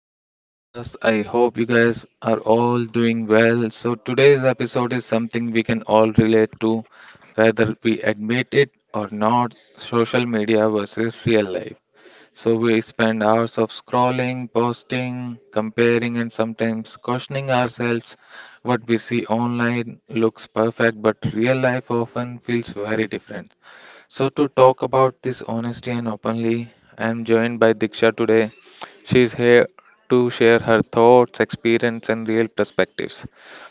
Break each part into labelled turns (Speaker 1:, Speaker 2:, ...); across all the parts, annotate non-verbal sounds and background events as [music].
Speaker 1: to the podcast. I hope you guys are all doing well. So today's episode is something we can all relate to, whether we admit it or not: social media versus real life. So we spend hours of scrolling, posting, comparing, and sometimes questioning ourselves. What we see online looks perfect, but real life often feels very different. So to talk about this honesty and openly, I am joined by Diksha today. She is here to share her thoughts, experience, and real perspectives.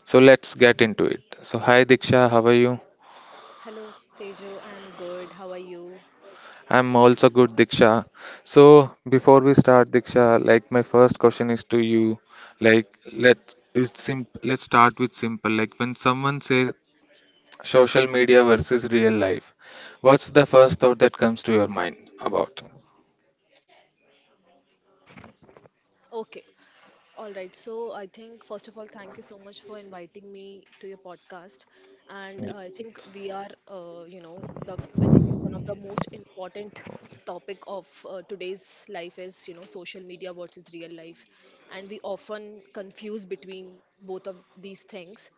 Speaker 1: So let's get into it. So hi Diksha, how are you?
Speaker 2: Hello Tejo, I am good. How are you?
Speaker 1: I'm also good, Diksha. So before we start, Diksha, like my first question is to you. Like, let's start with simple. Like, when someone says social media versus real life, what's the first thought that comes to your mind about?
Speaker 2: Okay. All right. So I think first of all, thank you so much for inviting me to your podcast. And
Speaker 1: Y-
Speaker 2: I think we are, you know, the I think one of the most important topic of today's life is, social media versus real life, and we often confuse between both of these things.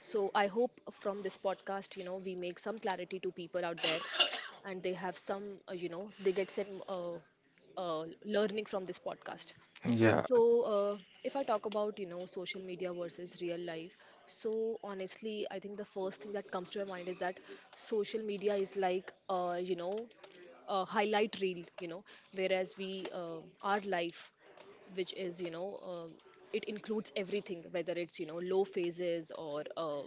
Speaker 2: So I hope from this podcast, we make some clarity to people out there and they have they get some learning from this podcast.
Speaker 1: Yeah.
Speaker 2: So uh, if I talk about, social media versus real life, so honestly, I think the first thing that comes to my mind is that social media is like, a highlight reel, whereas our life which is it includes everything, whether it's low phases or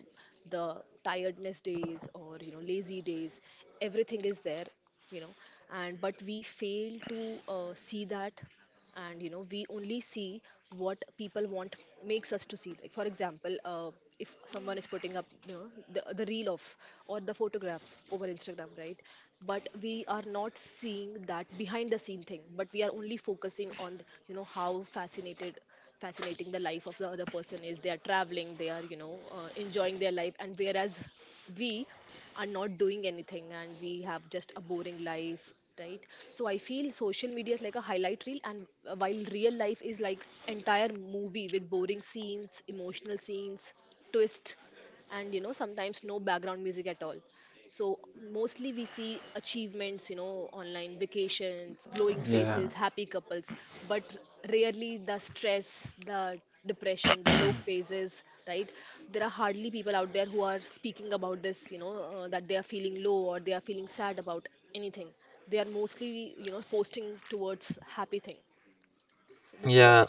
Speaker 2: the tiredness days or lazy days. Everything is there, you know and but we fail to see that, and we only see what people want makes us to see. Like for example, if someone is putting up, the reel of or the photograph over Instagram, right? But we are not seeing that behind the scene thing, but we are only focusing on, how fascinated fascinating the life of the other person is. They are traveling, they are enjoying their life, and whereas we are not doing anything and we have just a boring life, right? So I feel social media is like a highlight reel, and while real life is like entire movie with boring scenes, emotional scenes, twist, and sometimes no background music at all. So mostly we see achievements, online vacations, glowing
Speaker 1: Yeah,
Speaker 2: faces, happy couples, but rarely the stress, the depression, the low phases, right? There are hardly people out there who are speaking about this, that they are feeling low or they are feeling sad about anything. They are mostly, posting towards happy thing. So this is what I
Speaker 1: yeah,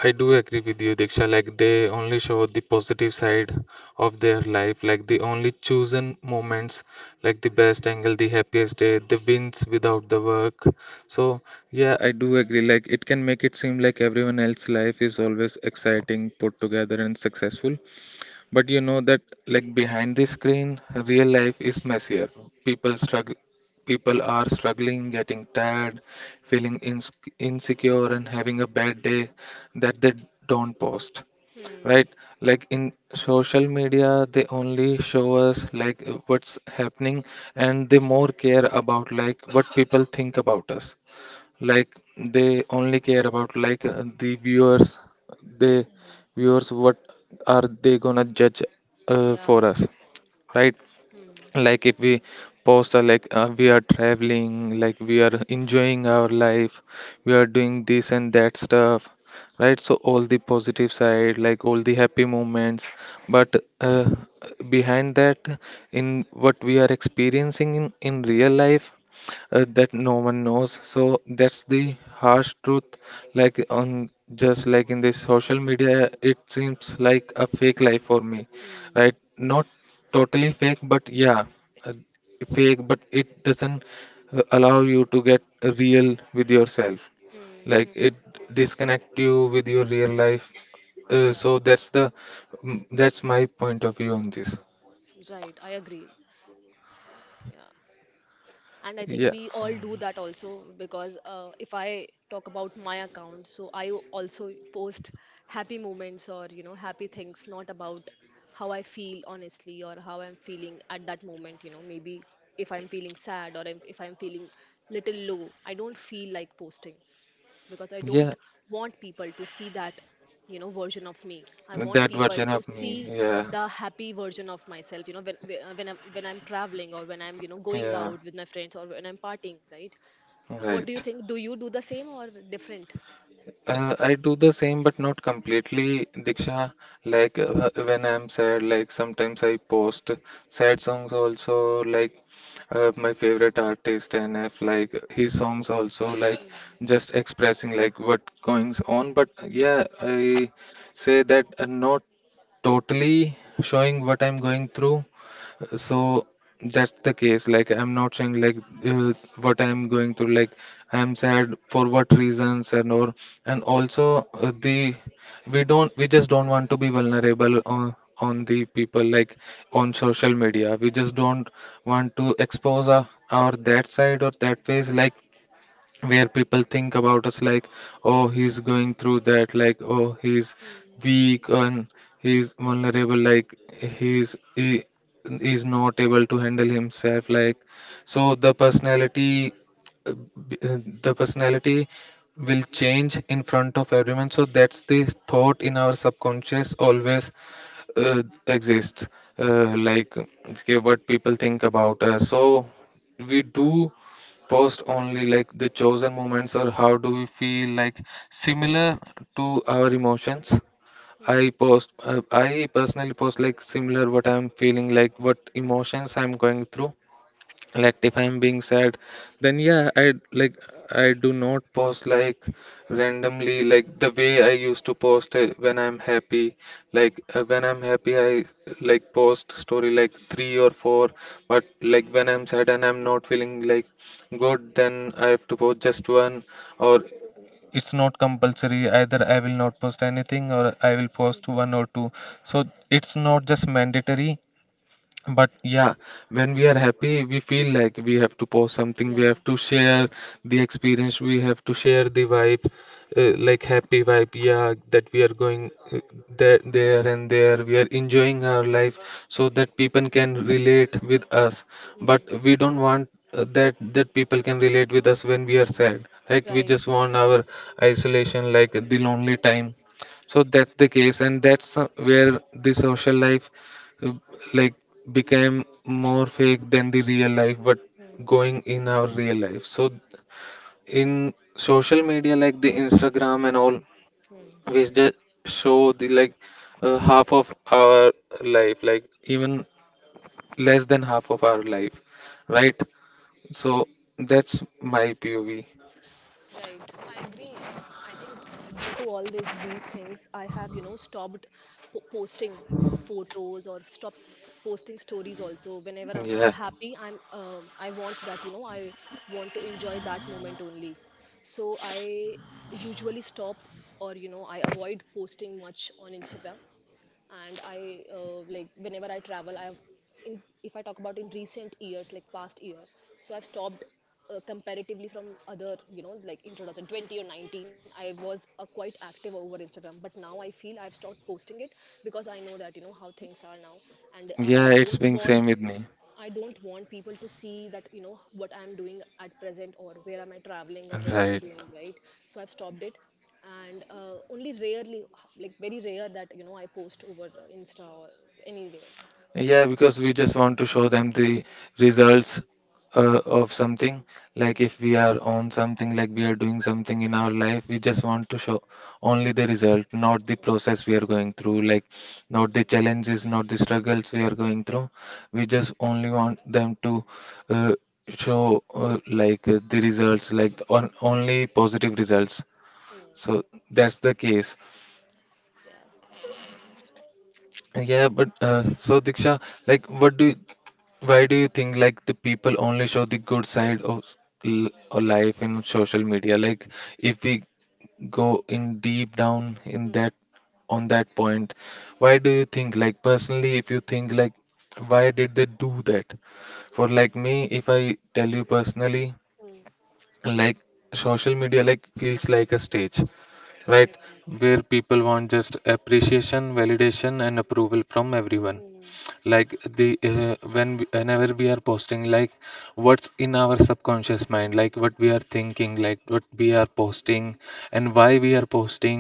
Speaker 1: I do agree with you, Diksha. Like they only show the positive side of their life, like the only chosen moments, like the best angle, the happiest day, the wins without the work. So yeah, I do agree. Like it can make it seem like everyone else's life is always exciting, put together, and successful. But you know that, like behind the screen, real life is messier. People struggle, people are struggling, getting tired, feeling insecure, and having a bad day that they don't post. Right?
Speaker 2: think.
Speaker 1: Like in social media, they only show us like what's happening, and they more care about like what people think about us, like they only care about like, the viewers, they
Speaker 2: Hmm. hmm.
Speaker 1: viewers what are they gonna judge
Speaker 2: Yeah.
Speaker 1: for us, right?
Speaker 2: Hmm.
Speaker 1: Like if we post, like, we are traveling, like we are enjoying our life, we are doing this and that stuff, right? So all the positive side, like all the happy moments, but uh, behind that, in what we are experiencing in real life, that no one knows. So that's the harsh truth, like on, just like in the social media it seems like a fake life for me.
Speaker 2: Hmm.
Speaker 1: Right, not totally fake, but yeah, uh, fake, but it doesn't allow you to get real with yourself.
Speaker 2: Hmm.
Speaker 1: Like
Speaker 2: hmm.
Speaker 1: it disconnect you with your real life. uh,
Speaker 2: Yeah.
Speaker 1: so that's the mm, that's my point of view on this.
Speaker 2: Right. I agree. Yeah. And I think we all do that also because, if I talk about my account, so I also post happy moments or happy things, not about how I feel honestly or how I'm feeling at that moment. You know, maybe if I'm feeling sad or if I'm feeling little low, I don't feel like posting because I don't
Speaker 1: Yeah,
Speaker 2: want people to see that, version of me. I want
Speaker 1: that
Speaker 2: people
Speaker 1: version
Speaker 2: to
Speaker 1: of me.
Speaker 2: see
Speaker 1: Yeah,
Speaker 2: the happy version of myself. You know, when when when I'm traveling or when I'm going
Speaker 1: yeah,
Speaker 2: out with my friends or when I'm partying, right? What do you
Speaker 1: right.
Speaker 2: think? Do you do the same or different?
Speaker 1: I do the same, but not completely, Diksha. Like when I'm sad, like sometimes I post sad songs also, like my favorite artist NF, like his songs also, like
Speaker 2: Mm,
Speaker 1: just expressing like what goings on. But yeah, I say that not totally showing what I'm going through. So that's the case, like I'm not saying like uh, what I'm going through, like I'm sad for what reasons and or, and also the we just don't want to be vulnerable on the people, like on
Speaker 2: yeah.
Speaker 1: social media we just don't want to expose our that side or that face, like where people think about us like, oh, he's going through that, like, oh, he's
Speaker 2: Mm,
Speaker 1: weak and he's vulnerable, like he's
Speaker 2: mm,
Speaker 1: he is not able to handle himself. Like, so the personality, uh, the personality will change in front of everyone. So that's the thought in our subconscious always uh, exists, like, okay, what people think about us. So we do post only like the chosen moments, or how do we feel like similar to our emotions. I
Speaker 2: mm,
Speaker 1: post, I personally post like similar what I'm feeling, like what emotions I'm going through. Like if I'm being sad, then yeah, I like, I do not post like randomly, like the way I used to post when I'm happy.
Speaker 2: mm,
Speaker 1: Like when I'm happy I like post story like 3 or 4, but like when I'm sad and I'm not feeling like good, then I have to post just one. Or it's not compulsory, either I will not post anything or I will post
Speaker 2: mm,
Speaker 1: one or two. So it's not just mandatory,
Speaker 2: mm,
Speaker 1: but yeah, when we are happy we feel like we have to post something, we
Speaker 2: yeah.
Speaker 1: have to share the experience, we have to share the vibe, like happy vibe, yeah, that we are going, there
Speaker 2: Mm,
Speaker 1: there and there, we are enjoying our life. So that people can relate with us. But
Speaker 2: mm,
Speaker 1: we don't want that that people can relate with us when we are sad. Right, we
Speaker 2: right.
Speaker 1: just want our isolation, like the lonely time. So that's the case, and that's where the social life, uh, like, became more fake than the real life. But
Speaker 2: Mm,
Speaker 1: going in our real life, so in social media, like the instagram and all,
Speaker 2: mm,
Speaker 1: we just show the like, half of our life, like even less than half of our life,
Speaker 2: yeah.
Speaker 1: right? So
Speaker 2: Mm.
Speaker 1: that's my pov.
Speaker 2: Right, I agree. I think due to all these things, I have stopped posting photos or stopped posting stories. Also, whenever I'm
Speaker 1: Yeah,
Speaker 2: happy, I want that I want to enjoy that moment only. So I usually stop or I avoid posting much on Instagram. And I like whenever I travel I have in, if I talk about in recent years, like past year, so I've stopped comparatively from other, like in 2020 or 19 I was quite active over Instagram, but now I feel I've stopped posting it because I know that how things are now, and
Speaker 1: yeah,
Speaker 2: I
Speaker 1: it's
Speaker 2: don't
Speaker 1: being same
Speaker 2: want.
Speaker 1: with me.
Speaker 2: I don't want people to see that, what I'm doing at present or where am I traveling or where am I
Speaker 1: Right.
Speaker 2: doing, right? So I've stopped it. And only rarely, like very rare, that, I post over Insta or anywhere.
Speaker 1: Yeah, because we just want to show them the results of something. Like if we are on something, like we are doing something in our life, we just want to show
Speaker 2: Mm.
Speaker 1: only the result, not the
Speaker 2: So,
Speaker 1: process we are going through, like
Speaker 2: mm,
Speaker 1: not the challenges, not the struggles we are going through. We just only want them to uh, show, like, the results, like on, only positive results.
Speaker 2: mm,
Speaker 1: So that's the case.
Speaker 2: yeah.
Speaker 1: Yeah, but so Diksha, like, what do why do you think like the people only show the good side of or life in social media? Like if we go in deep down in that, on that point, why do you think, like personally if you think like, why did they do that? For like me, if I tell you
Speaker 2: Mm,
Speaker 1: personally,
Speaker 2: mm, mm,
Speaker 1: like social media like feels like a stage, right?
Speaker 2: mm,
Speaker 1: Where people want just appreciation, validation and approval from everyone,
Speaker 2: mm,
Speaker 1: like whenever we are posting, like what's in our subconscious mind, like what we are thinking, like what we are posting, and why we are posting.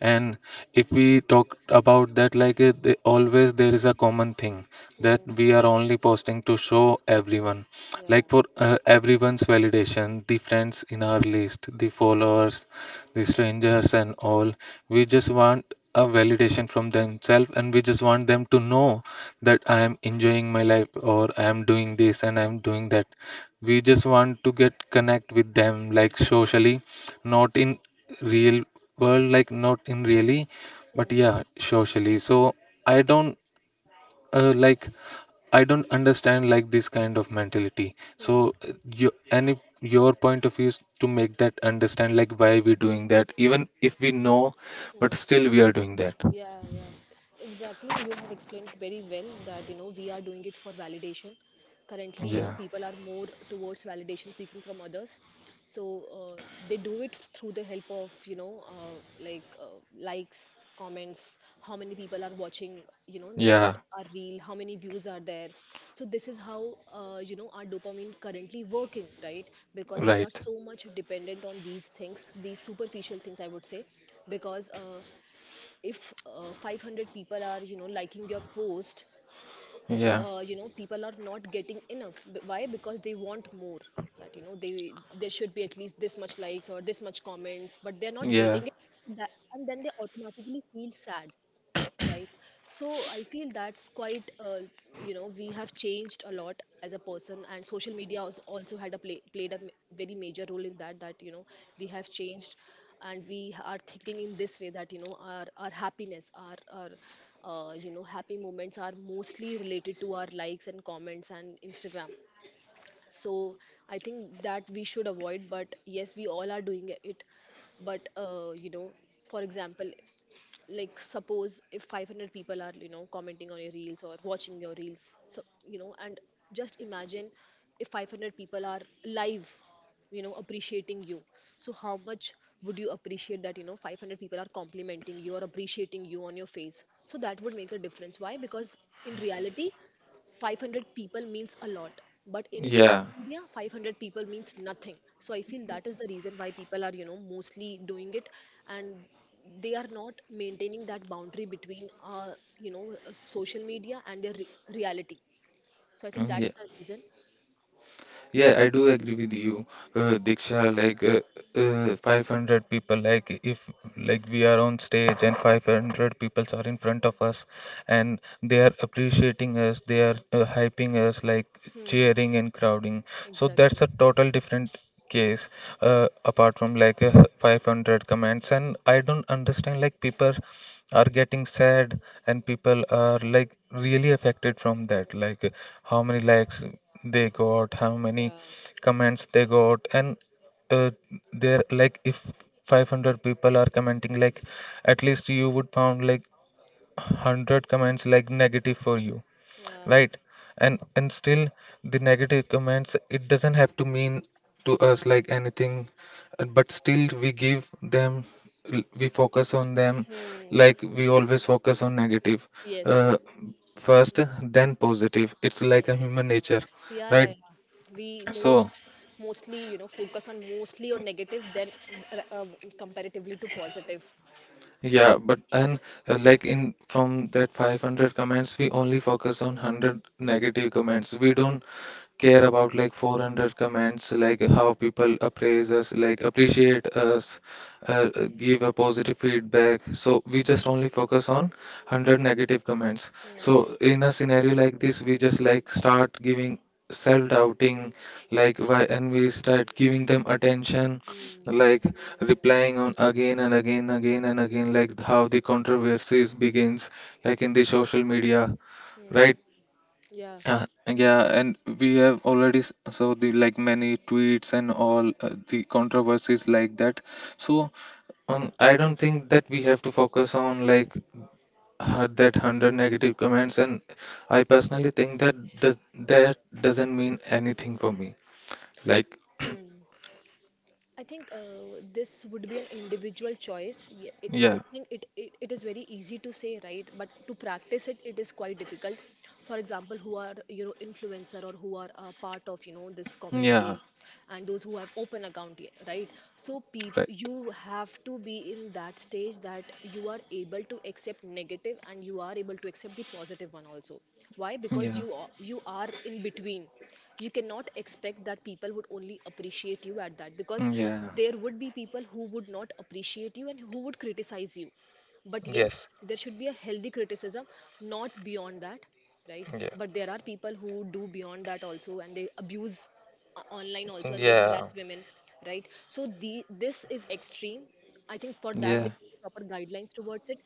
Speaker 1: And if we talk about that, like always there is a common thing that
Speaker 2: mm,
Speaker 1: we are only posting to show everyone, like
Speaker 2: yeah.
Speaker 1: for everyone's validation, the friends in our list, the followers, the strangers and all. We just want a validation from themselves, and we just want them to know that I am enjoying my life, or I am doing this and I am doing that. We just want to get connect with them like socially, not in real world, like not in really, but
Speaker 2: Mm,
Speaker 1: yeah, socially. So I don't like, I don't understand like this kind of mentality.
Speaker 2: mm,
Speaker 1: So you any your point of view is to make that understand, like why we doing that even if we know,
Speaker 2: mm,
Speaker 1: but still we are doing that.
Speaker 2: Yeah, exactly. You have explained very well that we are doing it for validation. Currently,
Speaker 1: Yeah,
Speaker 2: people are more towards validation seeking from others, so they do it through the help of like likes, comments, how many people are watching, that
Speaker 1: yeah,
Speaker 2: are real, how many views are there. So this is how our dopamine currently working, right? Because we are
Speaker 1: right,
Speaker 2: so much dependent on these things, these superficial things, I would say, because. If 500 people are liking your post,
Speaker 1: yeah,
Speaker 2: people are not getting enough why, because they want more that they there should be at least this much likes or this much comments, but they're not
Speaker 1: yeah.
Speaker 2: getting it. So that, and then they automatically feel sad, right? So I feel that's quite we have changed a lot as a person, and social media has also had played a very major role in that, that we have changed. And we are thinking in this way, that our happiness, our happy moments are mostly related to our likes and comments and Instagram. So I think that we should avoid, but yes, we all are doing it. But for example, like suppose if 500 people are commenting on your reels or watching your reels, so and just imagine if 500 people are live, appreciating you, so how much would you appreciate that, 500 people are complimenting you or appreciating you on your face? So that would make a difference, why? Because in reality 500 people means a lot, but in
Speaker 1: Yeah,
Speaker 2: social media 500 people means nothing. So I feel that is the reason why people are mostly doing it, and they are not maintaining that boundary between social media and their reality. So I think
Speaker 1: mm,
Speaker 2: that's
Speaker 1: yeah,
Speaker 2: the reason.
Speaker 1: yeah. I do agree with you, Diksha. Like, 500 people. Like, if like we are on stage and 500 people are in front of us, and they are appreciating us, they are hyping us, like
Speaker 2: hmm
Speaker 1: cheering and crowding. So
Speaker 2: exactly.
Speaker 1: that's a total different case, apart from like, 500 comments. And I don't understand like people are getting sad and people are like really affected from that, like how many likes they got, how many
Speaker 2: yeah
Speaker 1: comments they got. And uh, they're like, if 500 people are commenting, like at least you would found like 100 comments like negative for you,
Speaker 2: yeah
Speaker 1: right? And still the negative comments, it doesn't have to mean to us like anything, but still we give them we focus on them.
Speaker 2: hmm
Speaker 1: Like we always focus on negative
Speaker 2: yes
Speaker 1: uh, first then positive, it's like a
Speaker 2: hmm.
Speaker 1: human nature,
Speaker 2: Yeah,
Speaker 1: right?
Speaker 2: we
Speaker 1: So
Speaker 2: mostly focus on mostly on negative then uh, uh, comparatively to positive.
Speaker 1: yeah, but and like in from that 500 comments we only focus on 100
Speaker 2: Hmm.
Speaker 1: negative comments, we don't care about like 400 comments, like how people appraise us, like
Speaker 2: Mm,
Speaker 1: appreciate us, give a positive feedback. So we just only focus on 100 negative comments. So
Speaker 2: mm,
Speaker 1: in a scenario like this, we just like start giving, self doubting, like why,
Speaker 2: yes.
Speaker 1: and we start giving them attention,
Speaker 2: Mm,
Speaker 1: like replying on again and again, again and again, like how the controversies begins like in the social media, right?
Speaker 2: mm, yeah.
Speaker 1: Uh, yeah, and we have already saw the like many tweets and all, the controversies like that. So I don't think that we have to focus on like had that hundred negative comments. And I personally think that does that doesn't mean anything for me. Like
Speaker 2: Hmm. I think this would be an individual choice. It,
Speaker 1: yeah,
Speaker 2: I think it is very easy to say, right? But to practice it, it is quite difficult. For example, who are influencer or who are part of this
Speaker 1: yeah,
Speaker 2: community, and those who have open account, right? So
Speaker 1: right,
Speaker 2: you have to be in that stage that you are able to accept negative and you are able to accept the positive one also. Why? Because
Speaker 1: yeah,
Speaker 2: you are in between. You cannot expect that people would only appreciate you at that, because
Speaker 1: yeah,
Speaker 2: there would be people who would not appreciate you and who would criticize you. But yes,
Speaker 1: yes,
Speaker 2: there should be a healthy criticism, not beyond that, right?
Speaker 1: yeah,
Speaker 2: But there are people who do beyond that also, and they abuse online also, and they
Speaker 1: yeah,
Speaker 2: harass women, right? So the this is extreme. I think for that
Speaker 1: yeah,
Speaker 2: there should be proper guidelines towards it.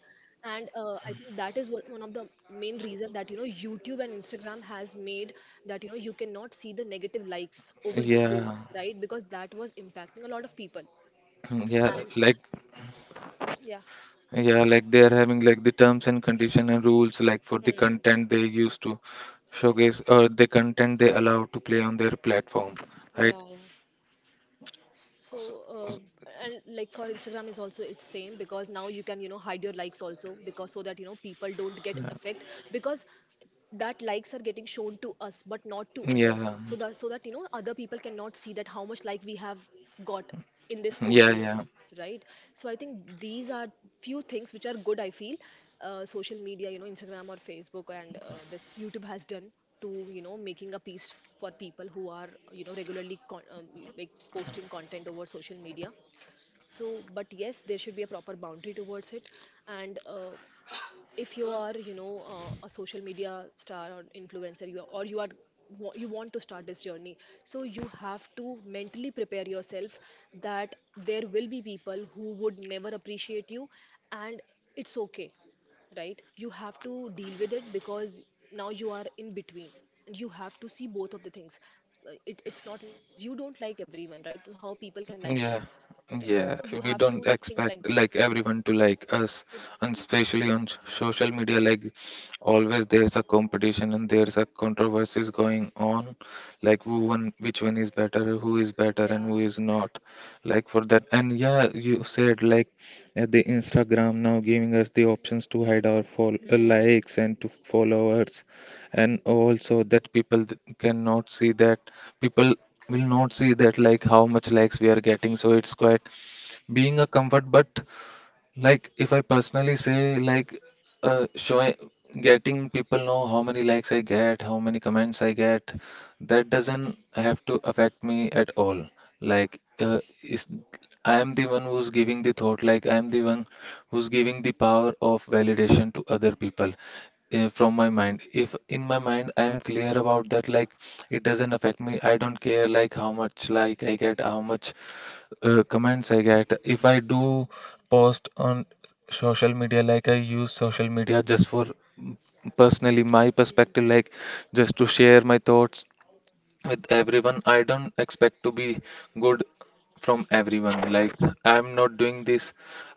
Speaker 2: And I think that is what, one of the main reason that YouTube and Instagram has made that you cannot see the negative likes over videos,
Speaker 1: yeah,
Speaker 2: right? Because that was impacting a lot of people.
Speaker 1: yeah.
Speaker 2: And
Speaker 1: Like
Speaker 2: yeah.
Speaker 1: yeah, like they are having like the terms and condition and rules like for the
Speaker 2: Hmm.
Speaker 1: content they used to
Speaker 2: Yes.
Speaker 1: showcase or the content they allow to play on their platform, right?
Speaker 2: Yeah, yeah. So, and like for Instagram is also it's same, because now you can hide your likes also, because so that people don't get affect, because that likes are getting shown to us but not to others,
Speaker 1: Yeah,
Speaker 2: so that, so that other people cannot see that how much like we have got in this
Speaker 1: yeah,
Speaker 2: photo,
Speaker 1: yeah.
Speaker 2: right? So I think these are few things which are good, I feel, social media, Instagram or Facebook, and this YouTube has done to making a piece for people who are regularly like posting content over social media. So but yes, there should be a proper boundary towards it. And if you are a social media star or influencer you are, or you are you want to start this journey, so you have to mentally prepare yourself that there will be people who would never appreciate you, and it's okay, right? You have to deal with it, because now you are in between, and you have to see both of the things. It, it's not like, because you don't like everyone, right? So how people can like you,
Speaker 1: Yeah,
Speaker 2: right? So
Speaker 1: yeah.
Speaker 2: you have
Speaker 1: We
Speaker 2: to
Speaker 1: don't
Speaker 2: think like that.
Speaker 1: expect like everyone to like us, and especially on social media, like always there's a competition and there's a controversies going on, like which one is better, who is better,
Speaker 2: yeah
Speaker 1: and who is not. Like for that, and yeah, you said like the Instagram now giving us the options to hide our fol
Speaker 2: hmm.
Speaker 1: likes and to followers, and also that cannot see that people will not see that like how much likes we are getting, so
Speaker 2: Hmm.
Speaker 1: it's quite being a comfort. But like if I personally say like showing getting people know how many likes I get, how many comments I get, that doesn't have to affect me at all. Like is I am the one who's giving the thought, like I am
Speaker 2: Hmm.
Speaker 1: the one who's giving the power of validation to other people. From my mind, if in my mind I am clear about that, like it doesn't affect me, I don't care like how much like I get, how much comments I get, if I do post on social media. Like I use social media just for mm, personally my
Speaker 2: Hmm.
Speaker 1: perspective, like just to share my thoughts with everyone. I don't expect to be good from everyone. Like, I'm not doing this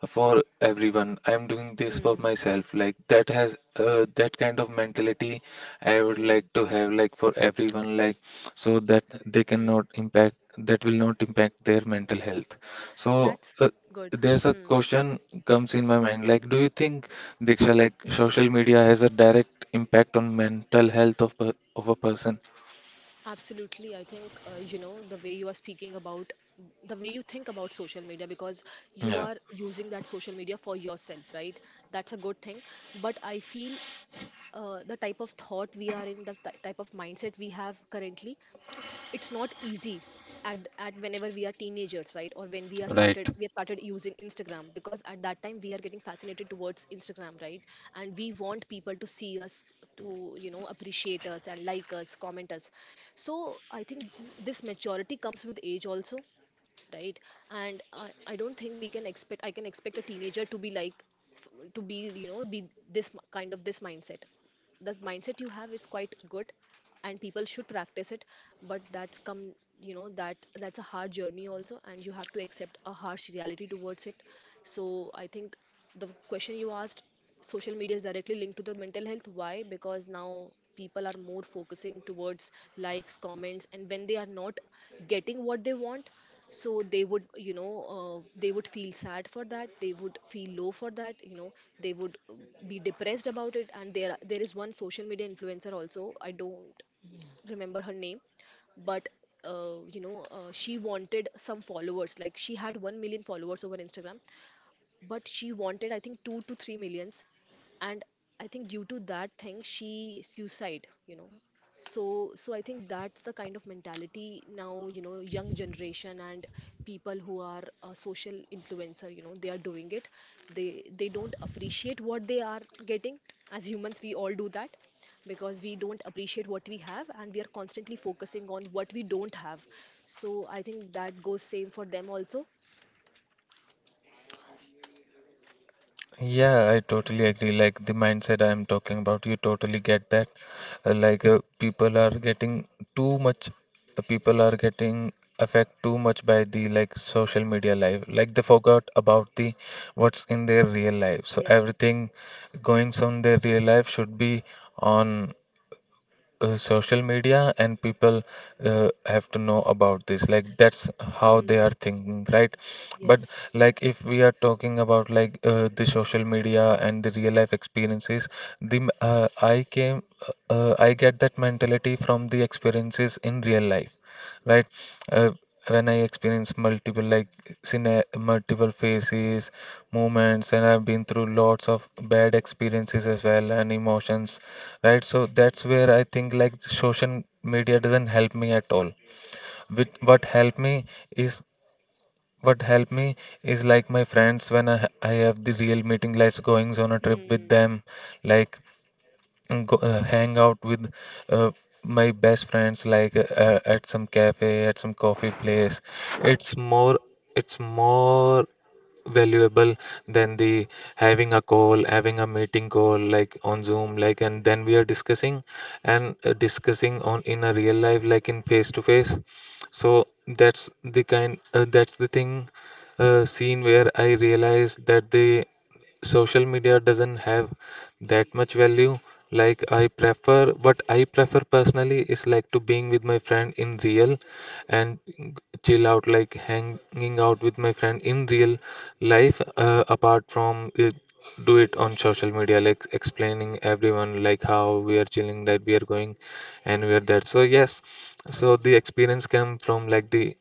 Speaker 1: for everyone. I'm doing this for
Speaker 2: Hmm.
Speaker 1: myself. Like, that kind of mentality I would
Speaker 2: Hmm.
Speaker 1: like to have, like, for everyone, like, so that they cannot
Speaker 2: Hmm.
Speaker 1: impact, that will not impact their mental health. So,
Speaker 2: That's good.
Speaker 1: there's a
Speaker 2: Hmm.
Speaker 1: question comes in my mind, like, do you think, diksha, like social media has a direct impact on mental health of of a person?
Speaker 2: Absolutely. I think, you know, the way you are speaking about, the way you think about social media, because you
Speaker 1: Yeah.
Speaker 2: are using that social media for yourself, right? That's a good thing. But I feel the type of thought we are in, the ty type of mindset we have currently, it's not easy at whenever we are teenagers, right? Or when we are
Speaker 1: Right.
Speaker 2: started we have started using Instagram, because at that time we are getting fascinated towards Instagram, right? And we want people to see us, to you know, appreciate us and like us, comment us. So I think this maturity comes with age also, right? And I don't think we can expect I can expect a teenager to be like to be, you know, be kind of this mindset. The mindset you have is quite good and people should practice it. But that's come, you know, that that's a hard journey also, and you have to accept a harsh reality towards it. So I think the question you asked, social media is directly linked to the mental health. Why? Because now people are more focusing towards likes, comments, and when they are not getting what they want, so they would, you know, they would feel sad for that, they would feel low for that, you know, they would be depressed about it. And there is one social media influencer also, I don't remember her name, but you know, she wanted some followers, like she had 1 million followers over Instagram, but she wanted, I think, 2 to 3 millions. And I think due to that thing she suicide, you know. So I think that's the kind of mentality now, you know, young generation and people who are a social influencer, you know, they are doing it. They don't appreciate what they are getting. As humans we all do that, because we don't appreciate what we have, and we are constantly focusing on what we don't have. So I think that goes same for them also.
Speaker 1: Yeah, I totally agree. Like the mindset I am talking about, you totally get that. Uh, like uh, people are getting too much, people are getting affect too much by the like social media life. Like they forgot about the what's in their real life. So
Speaker 2: Yeah.
Speaker 1: everything going on their real life should be on social media, and people have to know about this, like that's how they are
Speaker 2: Hmm.
Speaker 1: thinking, right? But
Speaker 2: Yes.
Speaker 1: like if we are talking about like the social media and the real life experiences, the m- I came I get that mentality from the experiences in real life, right? uh, when I experience scena- multiple phases, moments, and I've been through lots of bad experiences as well, and emotions, right? So that's where I think like social media doesn't help me at all. With is what help me is like my friends, when I have the real meeting, like goings on a trip with
Speaker 2: Hmm.
Speaker 1: them, like, and hang out with uh, my best friends, like at some cafe, at some coffee place. It's more it's more valuable than the having a meeting call, like on zoom, like, and then we are discussing on in a real life, like in face to face. So that's the kind that's the thing scene where I realized that the social media doesn't have that much value. Like I prefer what I prefer personally is like to being with my friend in real, and chill out, like hanging out with my friend in real life, apart from do it on social media, like explaining everyone like how we are chilling, that we are going and we are that. So yes, so
Speaker 2: Hmm.
Speaker 1: the experience came from like the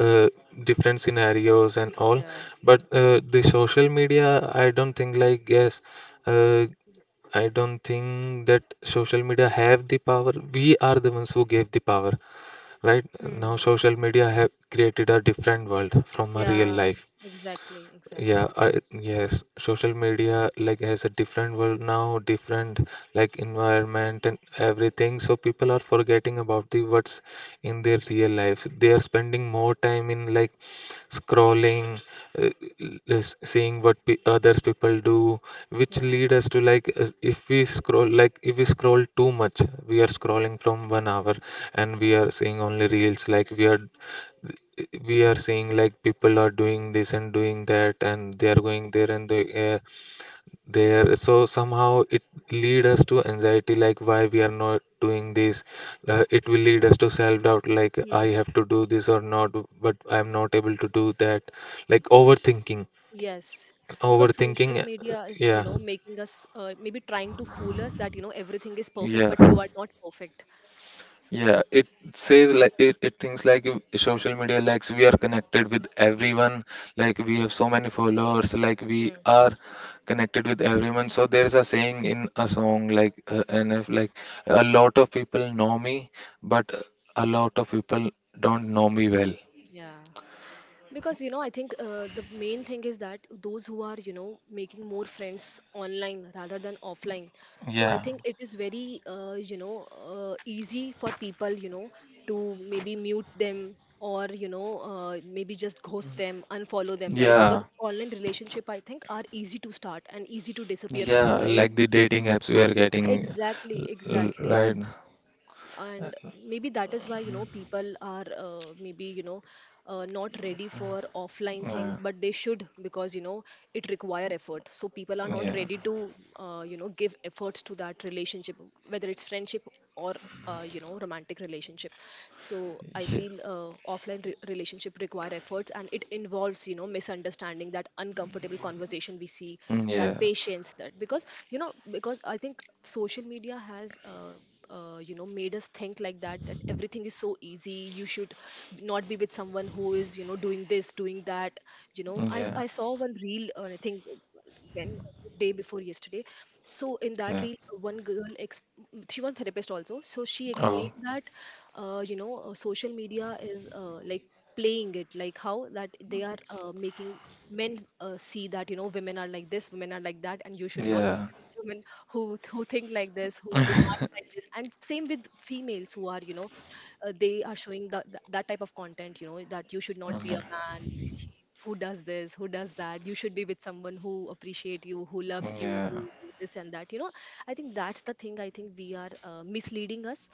Speaker 1: uh, different scenarios and all.
Speaker 2: Yeah.
Speaker 1: But the social media, I don't think like, yes, uh, I don't think that social media have the power. We are the ones who gave the power, right? Now
Speaker 2: Hmm.
Speaker 1: social media have created a different world from a real
Speaker 2: Yeah.
Speaker 1: life.
Speaker 2: Exactly.
Speaker 1: Yeah,
Speaker 2: Exactly.
Speaker 1: yes, social media like has a different world now, different like environment and everything. So people are forgetting about the what's in their real life. They are spending more time in like scrolling, uh, seeing what pe others people do, which
Speaker 2: Yeah.
Speaker 1: lead us to like if we scroll too much, we are scrolling from 1 hour, and we are seeing only reels. Like we are seeing like people are doing this and doing that, and they are going there, and there. So somehow it lead us to anxiety, like why we are not doing this. It will lead us to self doubt, like I
Speaker 2: Mm,
Speaker 1: have to do this or not, but I am not able to do that, like overthinking.
Speaker 2: yes, because social media is, you
Speaker 1: Yeah,
Speaker 2: know, making us maybe trying to fool us that, you know, everything is perfect,
Speaker 1: yeah.
Speaker 2: but you are not perfect. So,
Speaker 1: Yeah, it says like it thinks like in social media likes we are connected with everyone, like we have so many followers, like we
Speaker 2: mm-hmm.
Speaker 1: are connected with everyone. So there's a saying in a song like and if like a lot of people know me, but a lot of people don't know me well.
Speaker 2: Yeah. Because you know, I think, the main thing is that those who are, you know, making more friends online rather than offline, so I
Speaker 1: Yeah,
Speaker 2: think it is very, you know, easy for people, you know, to maybe mute them, or you know, maybe just ghost them, unfollow them, right?
Speaker 1: yeah,
Speaker 2: Because online relationship, I think, are easy to start and easy to disappear
Speaker 1: yeah,
Speaker 2: from,
Speaker 1: like
Speaker 2: right?
Speaker 1: the dating apps we are getting,
Speaker 2: Exactly,
Speaker 1: l-
Speaker 2: exactly.
Speaker 1: right?
Speaker 2: And maybe that is why, you know, people are, maybe you know, not ready for offline
Speaker 1: Uh,
Speaker 2: things, but they should, because you know it require effort, so people are not
Speaker 1: yeah,
Speaker 2: ready to, you know, give efforts to that relationship, whether it's friendship or you know, romantic relationship. So I
Speaker 1: yeah,
Speaker 2: feel, offline relationship require efforts, and it involves, you know, misunderstanding, that uncomfortable conversation we see,
Speaker 1: yeah,
Speaker 2: that patience, that, because you know, because I think social media has, you know, made us think like that, that everything is so easy, you should not be with someone who is, you know, doing this, doing that. You know, i
Speaker 1: yeah,
Speaker 2: i saw one reel, I think when, day before yesterday. So in that
Speaker 1: yeah.
Speaker 2: reel, one girl ex- she was therapist also, so she
Speaker 1: Oh,
Speaker 2: explained that, you know, social media is, like playing it, like how that they are, making men, see that you know, women are like this, women are like that, and you should not
Speaker 1: yeah.
Speaker 2: women who think like this, who demand like this. And same with females, who are you know, they are showing that, that type of content, you know, that you should not be
Speaker 1: Yeah.
Speaker 2: a man who does this, who does that, you should be with someone who appreciate you, who loves you,
Speaker 1: Yeah,
Speaker 2: you this and that, you know. I think that's the thing, I think we are, misleading us,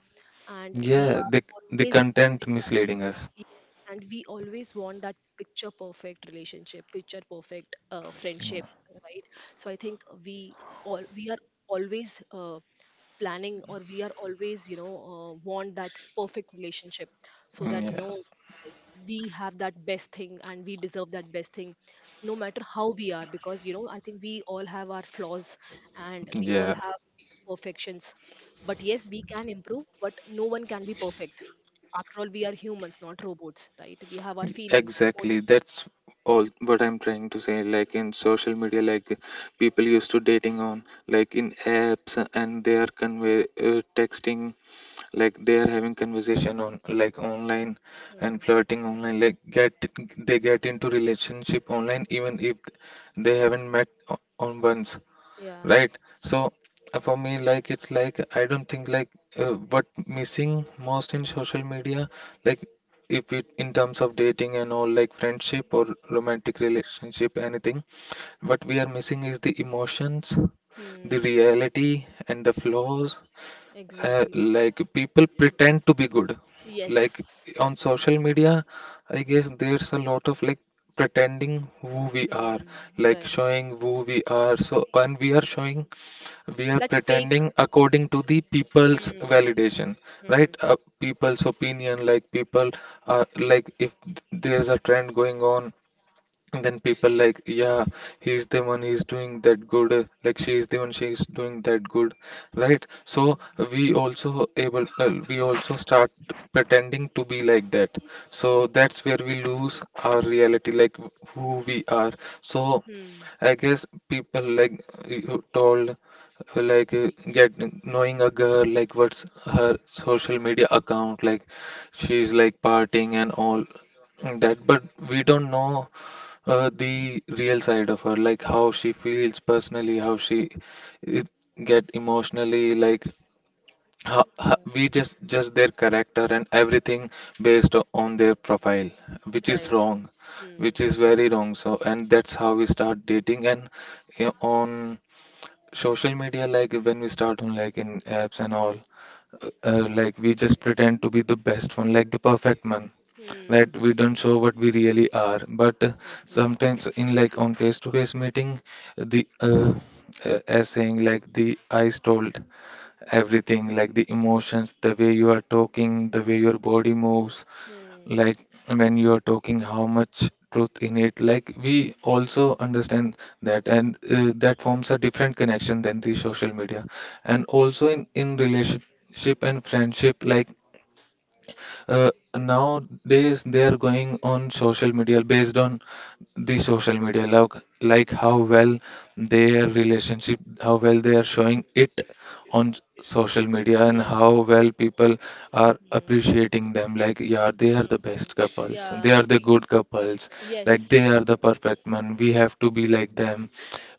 Speaker 2: and we
Speaker 1: yeah,
Speaker 2: are
Speaker 1: the
Speaker 2: always
Speaker 1: content
Speaker 2: wanting.
Speaker 1: misleading us.
Speaker 2: Yes, and we always want that picture perfect relationship, picture perfect friendship, right? So I think we are always, planning, or we are always, you know, want that perfect relationship, so that you
Speaker 1: Yeah,
Speaker 2: know, we have that best thing, and we deserve that best thing, no matter how we are. Because you know, I think we all have our flaws, and we all
Speaker 1: yeah,
Speaker 2: have perfections. But yes, we can improve, but no one can be perfect. After all, we are humans, not robots, right? We have our feelings, emotions.
Speaker 1: exactly. That's all what I'm trying to say. Like in social media, like people used to dating on like in apps, and they are convey texting, like they are having conversation on like online, and
Speaker 2: Hmm.
Speaker 1: flirting online. Like get they get into relationship online even if they haven't on once.
Speaker 2: Yeah.
Speaker 1: Right? So for me like it's like I don't think like what missing most in social media, like, if it in terms of dating and all, like friendship or romantic relationship, anything what we are missing is the emotions, the
Speaker 2: Hmm.
Speaker 1: reality, and the flaws.
Speaker 2: Exactly.
Speaker 1: Like people pretend to be good, like
Speaker 2: Yes.
Speaker 1: on social media. I guess there's a lot of like pretending who we are,
Speaker 2: Hmm.
Speaker 1: like
Speaker 2: Right.
Speaker 1: showing who we are. So, and we are showing, we are
Speaker 2: That fake.
Speaker 1: pretending according to the people's
Speaker 2: Hmm.
Speaker 1: validation,
Speaker 2: Hmm.
Speaker 1: right? People's opinion, like people are like, if there's a trend going on, and then people like, yeah, he's the one, he's doing that good. Like she is the one, she's doing that good, right? So
Speaker 2: Hmm.
Speaker 1: we also start pretending to be like that. So that's where we lose our reality, like who we are. So
Speaker 2: Hmm.
Speaker 1: I guess people, like you told like get knowing a girl, like what's her social media account, like she's like partying and all that, but we don't know the real side of her, like how she feels personally, how she it get emotionally, like
Speaker 2: Yeah.
Speaker 1: we just their character and everything based on their profile, which is
Speaker 2: Right.
Speaker 1: wrong, which
Speaker 2: Hmm.
Speaker 1: is very wrong. So, and that's how we start dating, and on social media, like when we start on like in apps and all, like we just pretend to be the best one, like the perfect one, that
Speaker 2: Hmm.
Speaker 1: we don't show
Speaker 2: Yeah.
Speaker 1: what we really are. But
Speaker 2: Exactly.
Speaker 1: sometimes in like on face to face meeting, the as saying like the eyes told everything, like the emotions, the way you are talking, the way your body moves,
Speaker 2: Hmm.
Speaker 1: like when you are talking how much truth in it, like we also understand that. And that forms a different connection than the social media. And also in relationship and friendship, like uh, nowadays they are going on social media, based on the social media, like how well their relationship, how well they are showing it on social media, and
Speaker 2: Yes.
Speaker 1: how well people are
Speaker 2: Hmm.
Speaker 1: appreciating them, like, yeah, they are
Speaker 2: Hmm.
Speaker 1: the
Speaker 2: Hmm. Hmm.
Speaker 1: best couples, they are
Speaker 2: Yeah.
Speaker 1: the good couples, like they
Speaker 2: Yes.
Speaker 1: are the perfect man, we have to be like them,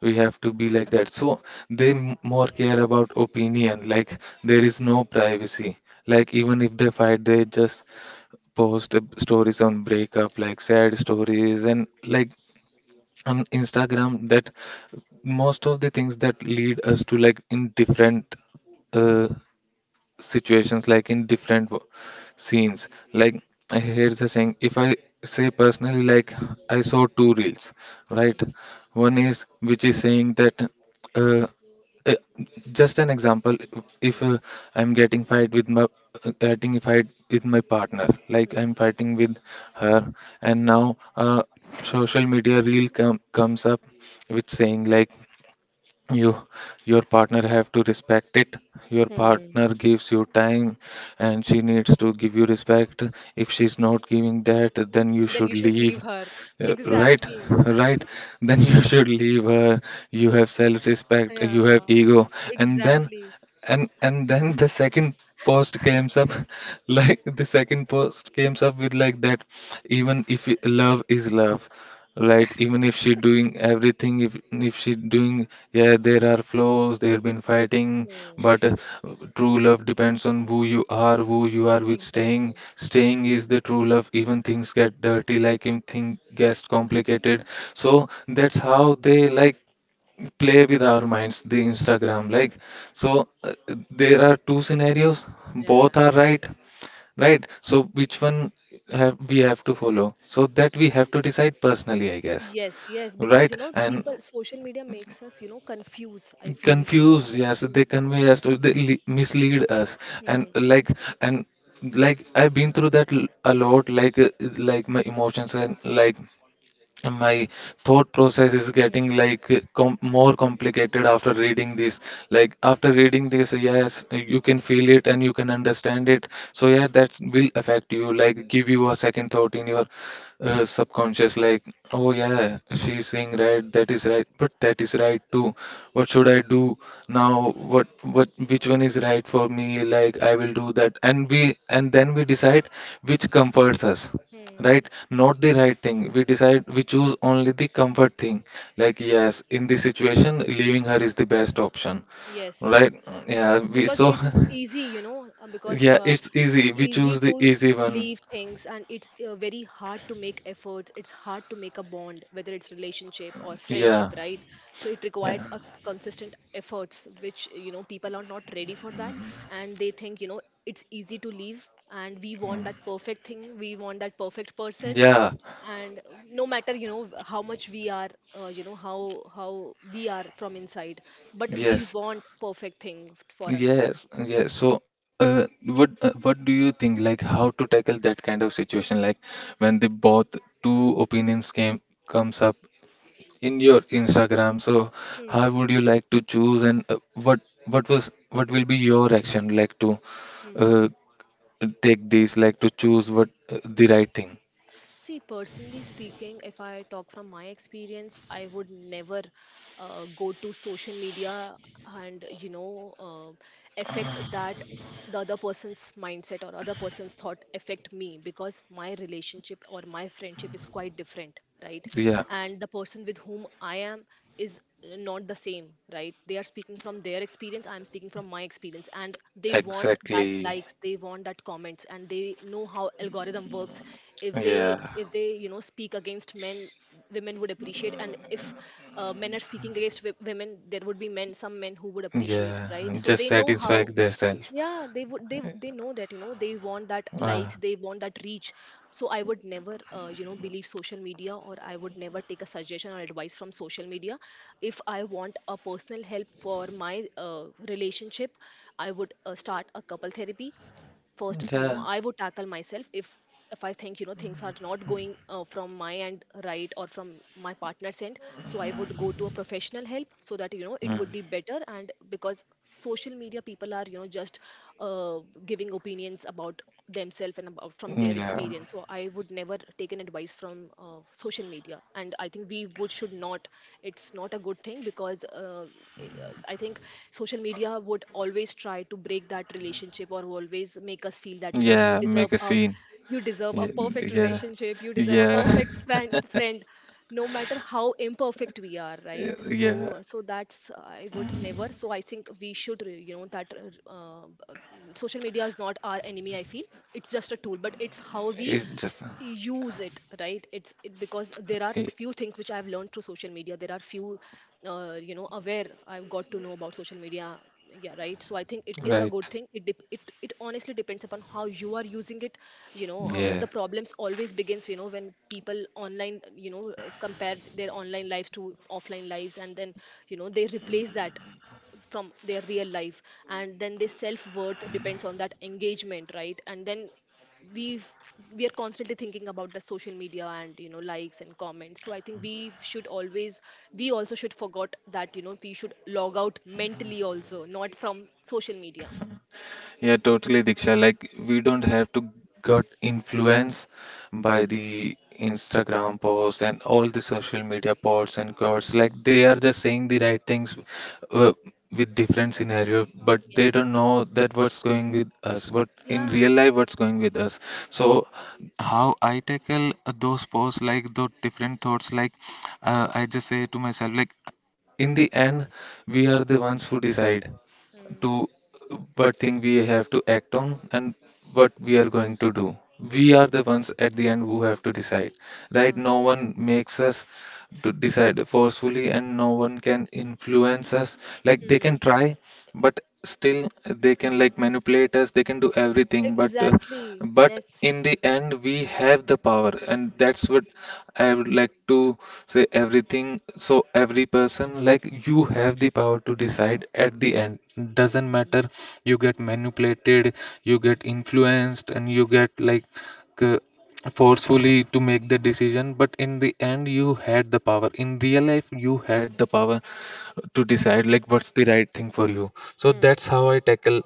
Speaker 1: we have to be like that. So they
Speaker 2: Yeah.
Speaker 1: more care about opinion, like, there is no privacy. Like even if they fight, they just post stories on breakup, like sad stories and like on instagram. That most of the things that lead us to like in different uh, situations, like in
Speaker 2: Hmm.
Speaker 1: different scenes, like, here's the saying, if I say personally, like, I saw two reels, right?
Speaker 2: Hmm.
Speaker 1: One is which is saying that uh, uh, just an example,
Speaker 2: Hmm.
Speaker 1: if
Speaker 2: Hmm.
Speaker 1: I'm getting fight with my getting a fight with my partner, like,
Speaker 2: Hmm.
Speaker 1: I'm fighting with her, and
Speaker 2: Mm.
Speaker 1: now social media reel comes up with saying like, you your partner have to respect it, your
Speaker 2: Mm.
Speaker 1: partner gives you time, and she needs to give you respect. If she's not giving that, then you
Speaker 2: Then
Speaker 1: should
Speaker 2: you should
Speaker 1: leave.
Speaker 2: leave her.
Speaker 1: Uh, right,
Speaker 2: Exactly.
Speaker 1: right. [laughs] Then you should leave her, you have self respect, you have
Speaker 2: Yeah.
Speaker 1: ego. And then
Speaker 2: Exactly.
Speaker 1: and then the second post comes up. [laughs] Like the second post comes up with like that, even if love is love, right? Even if she doing everything, if she doing, yeah, there are flaws, they've been fighting.
Speaker 2: Hmm.
Speaker 1: But true love depends on Who you are, who you are with, staying
Speaker 2: Exactly.
Speaker 1: staying is the true love, even things get dirty, like even thing gets complicated. So that's how they like play with our minds, the Instagram, like, so there are two scenarios,
Speaker 2: Yeah.
Speaker 1: both are right, right? So which one have we have to follow? So that we have to decide personally, I guess.
Speaker 2: Yes, yes, because
Speaker 1: Right,
Speaker 2: you know,
Speaker 1: and
Speaker 2: people, social media makes us, you know, confuse. I feel, you know.
Speaker 1: confused, yes, they convey us to, they mislead us. and
Speaker 2: And, hmm,
Speaker 1: like and like I've been through that a lot, like my emotions and like my thought process is
Speaker 2: hmm,
Speaker 1: getting like more complicated after reading this, like after reading this. Yes, you can feel it and you can understand it. So yeah, that will affect you, like give you a second thought in your subconscious, like, oh yeah, she's saying right, that is right, but that is right too. What should I do now? What which one is right for me? Like, I will do that, and we and then we decide which comforts us.
Speaker 2: hmm.
Speaker 1: Right, not the right thing. We decide, we choose only the comfort thing. Like, yes, in this situation, leaving her is the best option.
Speaker 2: Yes.
Speaker 1: Right. Yeah, we
Speaker 2: Because
Speaker 1: so.
Speaker 2: it's easy, you know,
Speaker 1: [laughs]
Speaker 2: because
Speaker 1: Yeah, it's easy, we
Speaker 2: easy
Speaker 1: choose the
Speaker 2: to
Speaker 1: easy one.
Speaker 2: leave things, and it's, very hard to make efforts, it's hard to make a bond, whether it's relationship or friendship,
Speaker 1: Yeah,
Speaker 2: right? So it
Speaker 1: yeah,
Speaker 2: requires a consistent efforts, which you know, people are not ready for that. And they think, you know, it's easy to leave, and we want that perfect thing, we want that perfect person.
Speaker 1: yeah,
Speaker 2: And no matter, you know, how much we are, you know, how we are from inside, but we
Speaker 1: yes,
Speaker 2: want perfect thing for us.
Speaker 1: yes, yes. So what, what do you think, like how to tackle that kind of situation, like when the both two opinions came comes up in your Instagram? So
Speaker 2: Hmm,
Speaker 1: how would you like to choose? And what what will be your action, like to
Speaker 2: hmm.
Speaker 1: uh, take these, like to choose what, the right thing?
Speaker 2: See, personally speaking, if I talk from my experience, I would never, go to social media and you know, affect that, the other person's mindset or other person's thought affect me, because my relationship or my friendship is quite different, right?
Speaker 1: Yeah,
Speaker 2: And the person with whom I am is not the same, right? They are speaking from their experience, I am speaking from my experience, and they want that
Speaker 1: exactly.
Speaker 2: likes, they want that comments, and they know how algorithm works. If they,
Speaker 1: Yeah,
Speaker 2: if they you know, speak against men, women would appreciate. And if, men are speaking against women, there would be men, some men who would appreciate,
Speaker 1: yeah.
Speaker 2: right? So
Speaker 1: Just
Speaker 2: they know
Speaker 1: satisfy
Speaker 2: how.
Speaker 1: themselves.
Speaker 2: Yeah, they would, they know that, you know, they want that
Speaker 1: Uh,
Speaker 2: likes, they want that reach. So I would never, you know, believe social media, or I would never take a suggestion or advice from social media. If I want a personal help for my relationship, I would, start a couple therapy first, you know.
Speaker 1: yeah,
Speaker 2: I would tackle myself, if I think, you know, things are not going, from my end, right, or from my partner's end, so I would go to a professional help, so that you know, it
Speaker 1: mm,
Speaker 2: would be better. And because social media people are, you know, just uh, giving opinions about themselves and about from their
Speaker 1: yeah,
Speaker 2: experience, so I would never take an advice from, social media, and I think we would should not. It's not a good thing, because i I think social media would always try to break that relationship, or always make us feel that, you know, you
Speaker 1: yeah. Make
Speaker 2: deserve
Speaker 1: a
Speaker 2: a,
Speaker 1: scene.
Speaker 2: you deserve a
Speaker 1: Yeah,
Speaker 2: perfect
Speaker 1: yeah,
Speaker 2: relationship, you deserve a
Speaker 1: yeah.
Speaker 2: perfect friend, no matter how imperfect we are, right?
Speaker 1: [laughs] Yeah.
Speaker 2: So so that's, I would never. So I think we should you know, that uh, uh, social media is not our enemy, I feel. It's just a tool, but it's how we
Speaker 1: It's just
Speaker 2: use it, right? It's because there are
Speaker 1: yeah,
Speaker 2: few things which I have learned through social media, there are few you know, aware I've got to know about social media, yeah, right? So I think it is a
Speaker 1: right.
Speaker 2: good thing. It honestly depends upon how you are using it. You know,
Speaker 1: Yeah,
Speaker 2: the problems always begins, you know, when people online, you know, compare their online lives to offline lives, and then you know, they replace that from their real life, and then their self worth depends on that engagement, right? And then we we are constantly thinking about the social media and, you know, likes and comments. So I think we should always, we also should forgot that, you know, we should log out mentally also, not from social media.
Speaker 1: yeah, totally, Diksha. Like, we don't have to get influenced by
Speaker 2: Yeah.
Speaker 1: the Instagram posts and all the social media posts and quotes.
Speaker 2: Mm.
Speaker 1: Like, they are just saying the right things, uh, with different scenario, but they
Speaker 2: Yes.
Speaker 1: don't know that what's going with us, what in real
Speaker 2: Yeah.
Speaker 1: life what's going with us. So, how I tackle those posts, like those different thoughts, like I just say to myself, like in the end, we are the ones who decide to
Speaker 2: Mm.
Speaker 1: what thing we have to act on, and what we are going to do. We
Speaker 2: Mm.
Speaker 1: are the ones at the end who have to decide, right?
Speaker 2: Yeah.
Speaker 1: No one makes us to decide forcefully, and no one can influence us. Like, they can
Speaker 2: Mm.
Speaker 1: try, but still they can like manipulate us, they can do everything,
Speaker 2: Exactly,
Speaker 1: but
Speaker 2: yes.
Speaker 1: in the end we have the power. And that's what I would like to say, everything. So every person, like, you have the power to decide at the end. Doesn't
Speaker 2: Mm.
Speaker 1: matter, you get manipulated, you get influenced, and you get like uh, forcefully to make the decision, but in the end you had the power. In real life you had the power to decide like what's the right thing for you. So
Speaker 2: Mm.
Speaker 1: that's how I tackle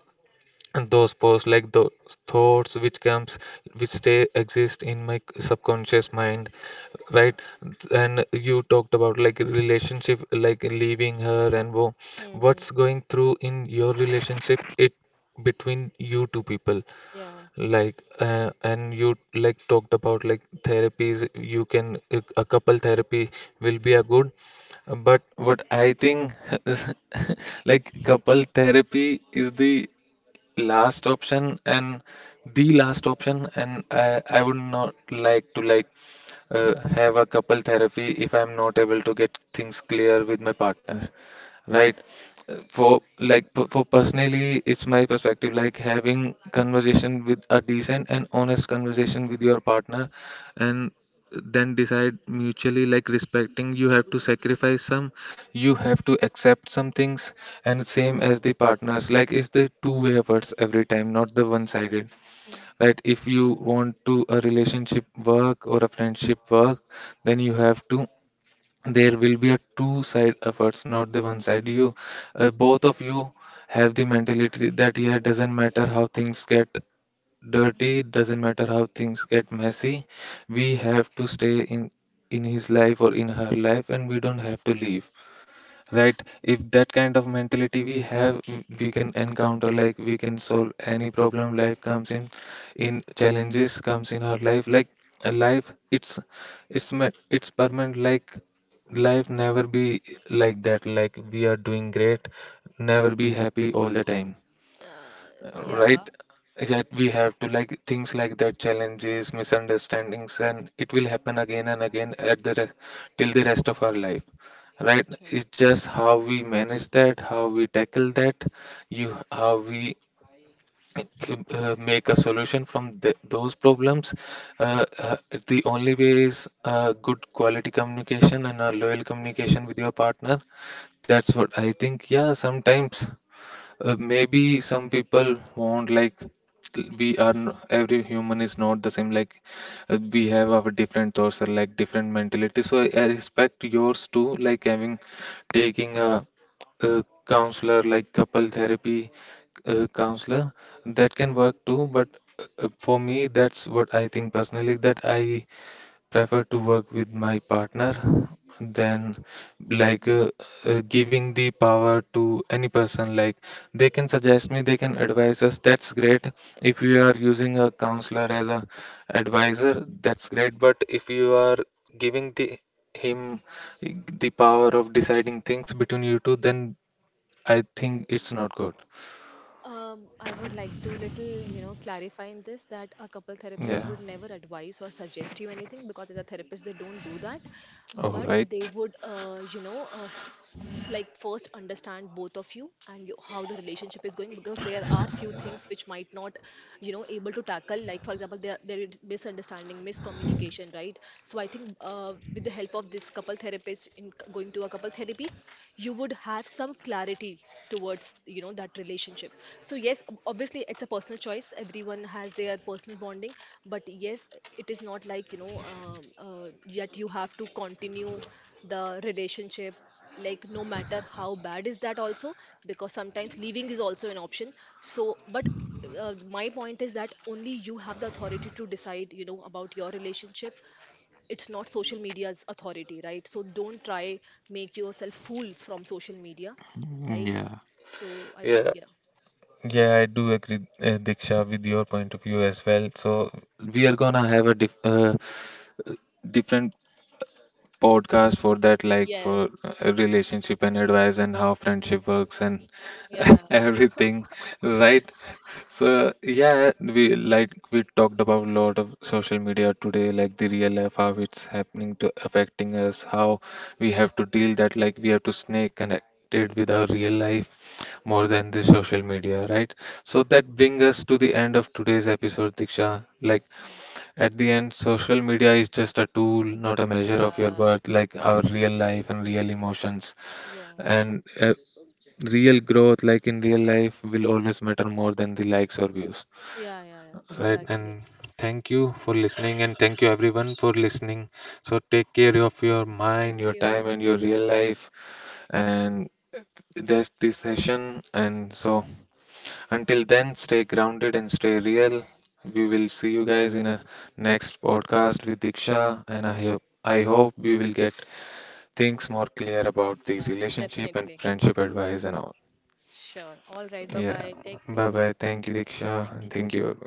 Speaker 1: those posts, like those thoughts
Speaker 2: Mm.
Speaker 1: which comes, which stay exist in my subconscious mind, right?
Speaker 2: Yeah.
Speaker 1: And you talked about like relationship, like leaving her, and what's
Speaker 2: Mm.
Speaker 1: going through in your relationship, it between you two people.
Speaker 2: Yeah.
Speaker 1: Like, and you like talked about like therapies, you can a couple therapy will be a good. But what I think [laughs] is, like, couple therapy is the last option, and the last option. And I would not like to like have a couple therapy if I'm not able to get things clear with my partner, right? For like for personally, it's my perspective, like having conversation with a decent and honest conversation with your partner, and then decide mutually, like respecting. You have to sacrifice some, you have to accept some things, and same as the partners. Like, it's the two-way efforts every time, not the one sided,
Speaker 2: Mm.
Speaker 1: right? If you want to a relationship work or a friendship work, then you have to, there will be a two side efforts, not the one side. You, both of you have the mentality that yeah, it doesn't matter how things get dirty, it doesn't matter how things get messy, we have to stay in his life or in her life, and we don't have to leave, right? If that kind of mentality we have, we can encounter, like we can solve any problem life comes in challenges comes in our life. Like a life, it's, it's permanent. Like, life never be like that, like we are doing great, never be happy all the time,
Speaker 2: Uh,
Speaker 1: right?
Speaker 2: yeah,
Speaker 1: Yet we have to, like, things like that, challenges, misunderstandings, and it will happen again and again at the till the rest of our life, right?
Speaker 2: right.
Speaker 1: It's just how we manage that, how we tackle that, you, how we make a solution from the, those problems. uh, uh, the only way is good quality communication and a loyal communication with your partner. That's what I think. Yeah, sometimes maybe some people want, like, we are every human is not the same. Like, we have our different thoughts or like different mentality. So I respect yours too, like having, taking a counselor, like couple therapy, counselor, that can work too. But for me, that's what I think personally, that I prefer to work with my partner than like giving the power to any person. Like, they can suggest me, they can advise us, that's great. If you are using a counselor as a advisor, that's great. But if you are giving the him the power of deciding things between you two, then I think it's not good.
Speaker 2: I would like to little, you know, clarify in this that a couple therapist
Speaker 1: Yeah,
Speaker 2: would never advise or suggest you anything, because as a therapist they don't do that,
Speaker 1: all
Speaker 2: but they
Speaker 1: right,
Speaker 2: would, you know, like first understand both of you and you, how the relationship is going, because there are few things which might not, you know, able to tackle. Like for example, there is misunderstanding, miscommunication, right? So I think, with the help of this couple therapist in going to a couple therapy, you would have some clarity towards, you know, that relationship. So yes, obviously, it's a personal choice, everyone has their personal bonding. But yes, it is not like, you know, yet you have to continue the relationship, like no matter how bad is that also, because sometimes leaving is also an option. So but, my point is that only you have the authority to decide, you know, about your relationship. It's not social media's authority, right? So don't try, make yourself fool from social media, right?
Speaker 1: yeah,
Speaker 2: So I think,
Speaker 1: yeah.
Speaker 2: yeah.
Speaker 1: Yeah, I do agree, Diksha, with your point of view as well. So we are gonna have a different podcast for that, like
Speaker 2: Yes.
Speaker 1: for relationship and advice and how friendship works and
Speaker 2: Yeah.
Speaker 1: [laughs]
Speaker 2: [laughs]
Speaker 1: everything, right? So yeah, we, like, we talked about a lot of social media today, like the real life, how it's happening to affecting us, how we have to deal that, like we have to stay connected with our real life more than the social media, right? So that brings us to the end of today's episode, Diksha. Like, at the end, social media is just a tool, not a measure
Speaker 2: Yeah,
Speaker 1: of your
Speaker 2: yeah,
Speaker 1: worth, like our real life and real emotions.
Speaker 2: yeah.
Speaker 1: And real growth, like in real life, will always matter more than the likes or views.
Speaker 2: Yeah, yeah, yeah,
Speaker 1: Right,
Speaker 2: exactly.
Speaker 1: and thank you for listening, and thank you everyone for listening. So take care of your mind,
Speaker 2: Thank
Speaker 1: your time,
Speaker 2: you.
Speaker 1: and your real life. And there's this session, and so until then, stay grounded and stay real. We will see you guys in a next podcast with Diksha, and I hope we will get things more clear about the
Speaker 2: Yeah,
Speaker 1: relationship and
Speaker 2: definitely.
Speaker 1: friendship advice and all.
Speaker 2: Sure. All right. Bye
Speaker 1: Yeah,
Speaker 2: bye. Take
Speaker 1: bye
Speaker 2: care.
Speaker 1: bye. Thank you, Diksha, and
Speaker 2: Thank you.
Speaker 1: thank you.